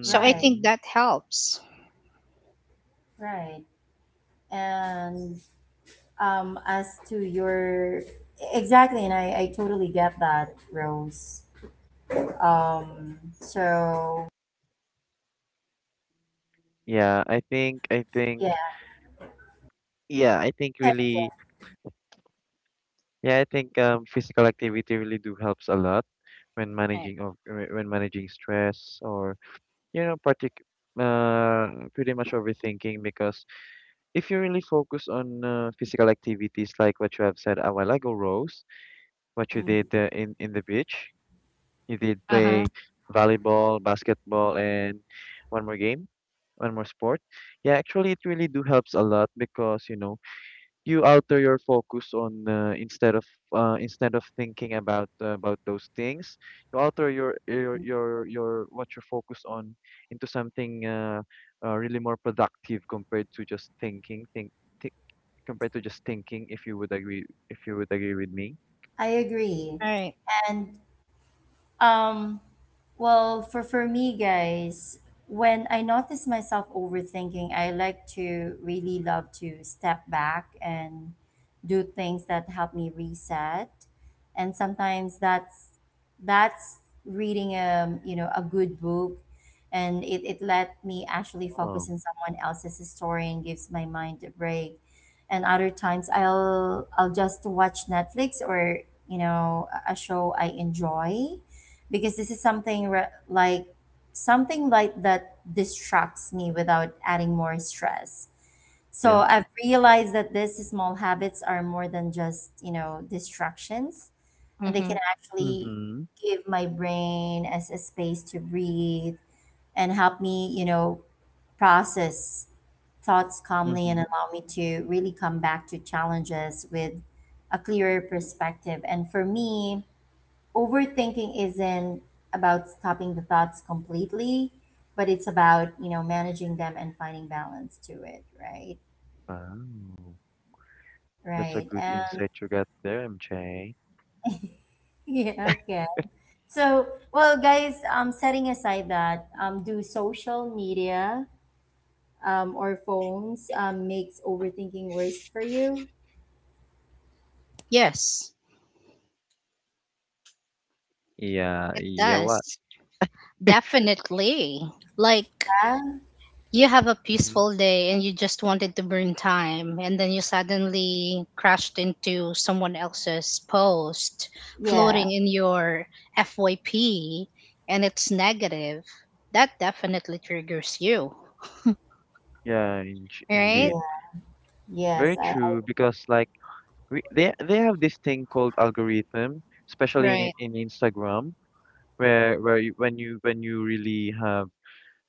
S2: So I
S1: Right,
S2: think that helps.
S1: right. And as to your, exactly, and I totally get that, Rose. So
S3: Yeah, I think
S1: yeah,
S3: yeah, I
S1: go
S3: think
S1: ahead.
S3: really Yeah, I think physical activity really do helps a lot when
S2: Right.
S3: when managing stress or you know partic pretty much overthinking, because if you really focus on physical activities like what you have said a while ago, Rose, what you
S1: Mm,
S3: did in the beach, you did
S2: Uh huh.
S3: play volleyball, basketball, and one more game, one more sport. Yeah, actually, it really do helps a lot because you know you alter your focus on instead of thinking about those things, you alter your what you're focused on into something really more productive compared to just thi- thinking, if you would agree with me.
S1: I agree.
S2: Right.
S1: And Um, well, for me, guys, when I notice myself overthinking, I like to really love to step back and do things that help me reset. And sometimes that's reading, you know, a good book, and it let me actually
S3: Oh
S1: focus on someone else's story and gives my mind a break. And other times I'll just watch Netflix, or you know, a show I enjoy, because this is something like something like that distracts me without adding more stress.
S3: yeah.
S1: So I've realized that these small habits are more than just, you know, distractions, and they
S2: Mm-hmm.
S1: can actually
S3: Mm-hmm.
S1: give my brain as a space to breathe and help me, you know, process thoughts calmly and
S3: Mm-hmm.
S1: allow me to really come back to challenges with a clearer perspective. And for me, overthinking isn't about stopping the thoughts completely, but it's about, you know, managing them and finding balance to it, right?
S3: Wow, that's
S1: Right.
S3: a good
S1: And
S3: insight you got there, MJ.
S1: yeah, okay. So, well, guys, setting aside that, do social media or phones makes overthinking worse for you?
S2: Yes,
S3: Yeah,
S2: it
S3: yeah, what?
S2: does. Definitely. Like
S1: Yeah.
S2: you have a
S3: Mm-hmm.
S2: peaceful day and you just wanted to burn time, and then you suddenly crashed into someone else's post
S1: Yeah.
S2: floating in your FYP, and it's negative. That definitely triggers you,
S3: Yeah, in
S2: right?
S3: indeed.
S1: Yeah.
S3: Very
S1: Yes.
S3: true, because like they have this thing called algorithm, especially
S2: Right.
S3: in Instagram, where when you really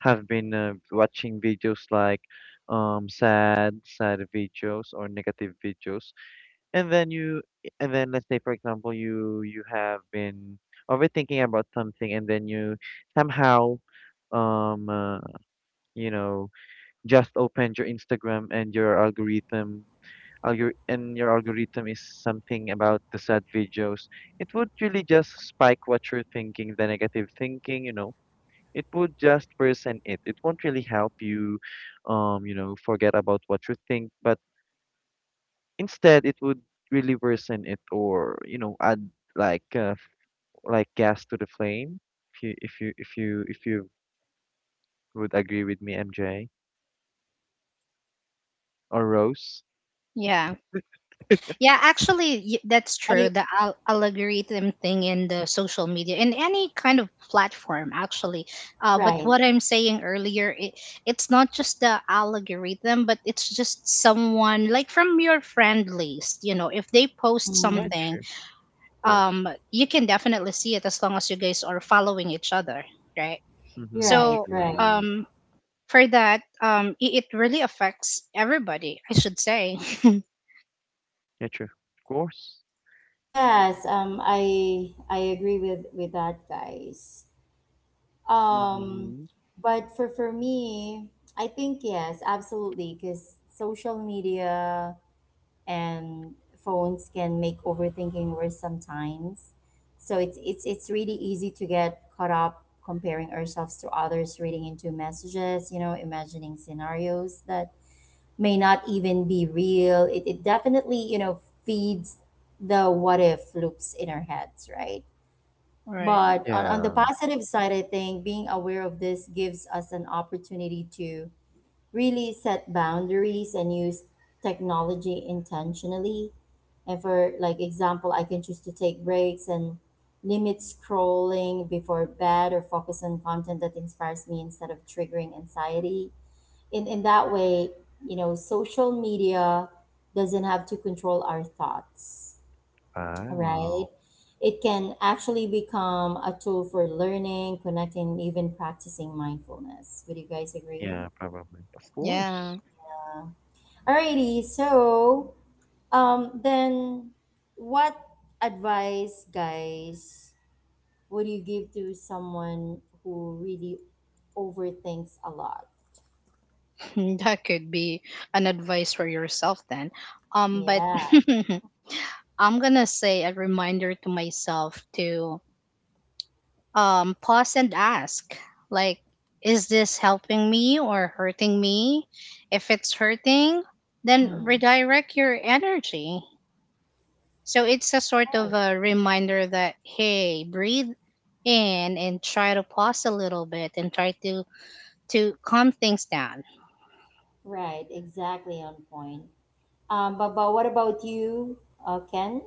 S3: have been watching videos like sad videos or negative videos, and then you and then let's say for example you you have been overthinking about something, and then you somehow um uh, you know just opened your Instagram and your algorithm is something about the sad videos, it would really just spike what you're thinking, the negative thinking, you know. It would just worsen it. It won't really help you, you know, forget about what you think, but instead it would really worsen it or, you know, add like like gas to the flame. If you if you if you if you would agree with me, MJ or Rose.
S2: Yeah. Yeah, actually, that's
S1: I,
S2: true. The algorithm thing in the social media, in any kind of platform, actually. But
S1: right.
S2: what I'm saying earlier, it's not just the algorithm, but it's just someone like from your friend list. You know, if they post
S3: Yeah,
S1: Mm,
S2: something,
S3: sure, of course.
S2: you can definitely see it as long as you guys are following each other, right?
S3: Mm-hmm,
S1: right.
S2: So,
S1: Right.
S3: true.
S2: um, for that, it really affects everybody, I should say.
S3: Yeah, true, of course.
S1: Yes, I agree with that, guys. Um,
S3: Mm-hmm.
S1: but for me, I think yes, absolutely, because social media and phones can make overthinking worse sometimes. So it's really easy to get caught up comparing ourselves to others, reading into messages, you know, imagining scenarios that may not even be real. It definitely, you know, feeds the what if loops in our heads, right?
S2: Right.
S1: But on the
S3: Yeah.
S1: positive side, I think being aware of this gives us an opportunity to really set boundaries and use technology intentionally. And for like example, I can choose to take breaks and limit scrolling before bed, or focus on content that inspires me instead of triggering anxiety. In that way, you know, social media doesn't have to control our thoughts, right?
S3: Wow.
S1: It can actually become a tool for learning, connecting, even practicing mindfulness. Would you guys agree?
S3: Yeah, probably. Of
S2: Yeah.
S3: course.
S1: Uh, Alrighty, so then what advice, guys, would you give to someone who really overthinks a lot?
S2: That could be an advice for yourself then. But
S1: Yeah.
S2: I'm gonna say a reminder to myself to, pause and ask, like, is this helping me or hurting me? If it's hurting, then
S1: Mm.
S2: redirect your energy. So it's a sort of
S1: Right.
S2: a reminder that, hey, breathe in and try to pause a little bit and try to calm things down,
S1: Right. Exactly on point. But what about you, Ken?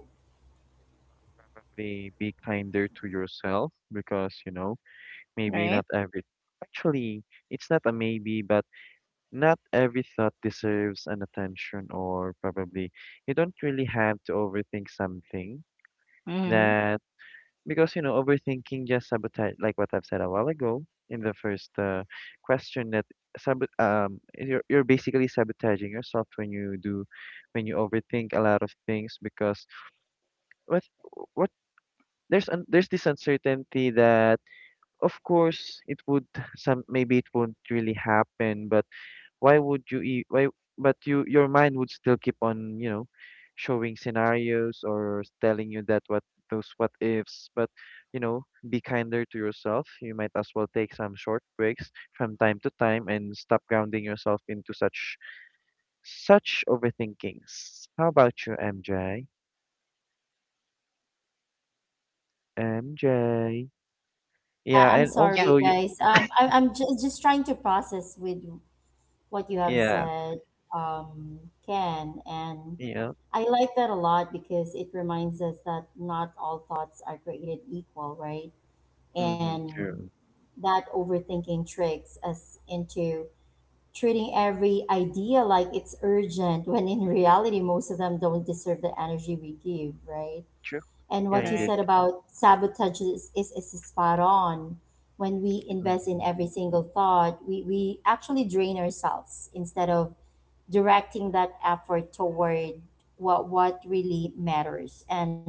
S3: Be kinder to yourself because, you know, maybe
S2: right?
S3: not every actually, it's not a maybe, but not every thought deserves an attention, or probably you don't really have to overthink something
S2: Mm-hmm.
S3: that because you know overthinking just sabotage, like what I've said a while ago in the first question, that you're basically sabotaging yourself when you do when you overthink a lot of things because what what there's there's this uncertainty that of course it would some maybe it won't really happen, but why but you, your mind would still keep on you know showing scenarios or telling you that what those what ifs but you know, be kinder to yourself, you might as well take some short breaks from time to time and stop grounding yourself into such overthinkings. How about you, MJ?
S1: Yeah,
S3: Yeah,
S1: I'm
S3: and
S2: Yeah.
S1: sorry,
S3: also you.
S1: guys. I, I'm just trying to process with what you have
S3: Yeah.
S1: said, um, Ken, and
S3: Yeah.
S1: I like that a lot because it reminds us that not all thoughts are created equal, right?
S3: Mm-hmm,
S1: And
S3: true.
S1: that overthinking tricks us into treating every idea like it's urgent, when in reality, most of them don't deserve the energy we give, right?
S3: True.
S1: And
S3: Yeah,
S1: what you
S2: Right.
S3: indeed.
S1: said about sabotage is spot on. When we invest in
S3: Mm-hmm,
S1: every single thought, we actually drain ourselves instead of directing that effort toward what really matters. And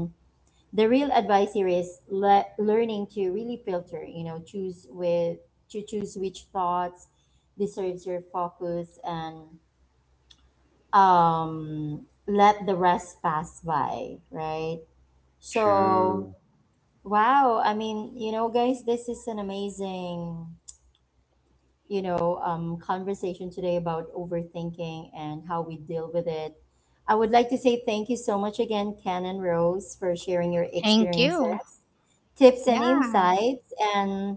S1: the real advice here is learning to really filter, you know, choose with to choose which thoughts deserves your focus and um, let the rest pass by, right? So
S3: true.
S1: wow. I mean, you know, guys, this is an amazing, you know, conversation today about overthinking and how we deal with it. I would like to say thank you so much again, Ken and Rose, for sharing your
S2: Thank you.
S1: experiences, tips, and
S2: Yeah,
S1: insights. And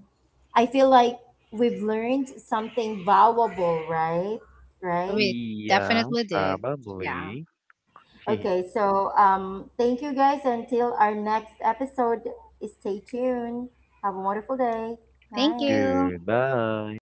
S1: I feel like we've learned something valuable, right? Right?
S2: we
S3: Yeah,
S2: definitely did. Yeah.
S3: probably.
S1: Okay. So thank you guys. Until our next episode, stay tuned. Have a wonderful day.
S2: Thank
S1: Bye.
S2: you.
S3: Goodbye.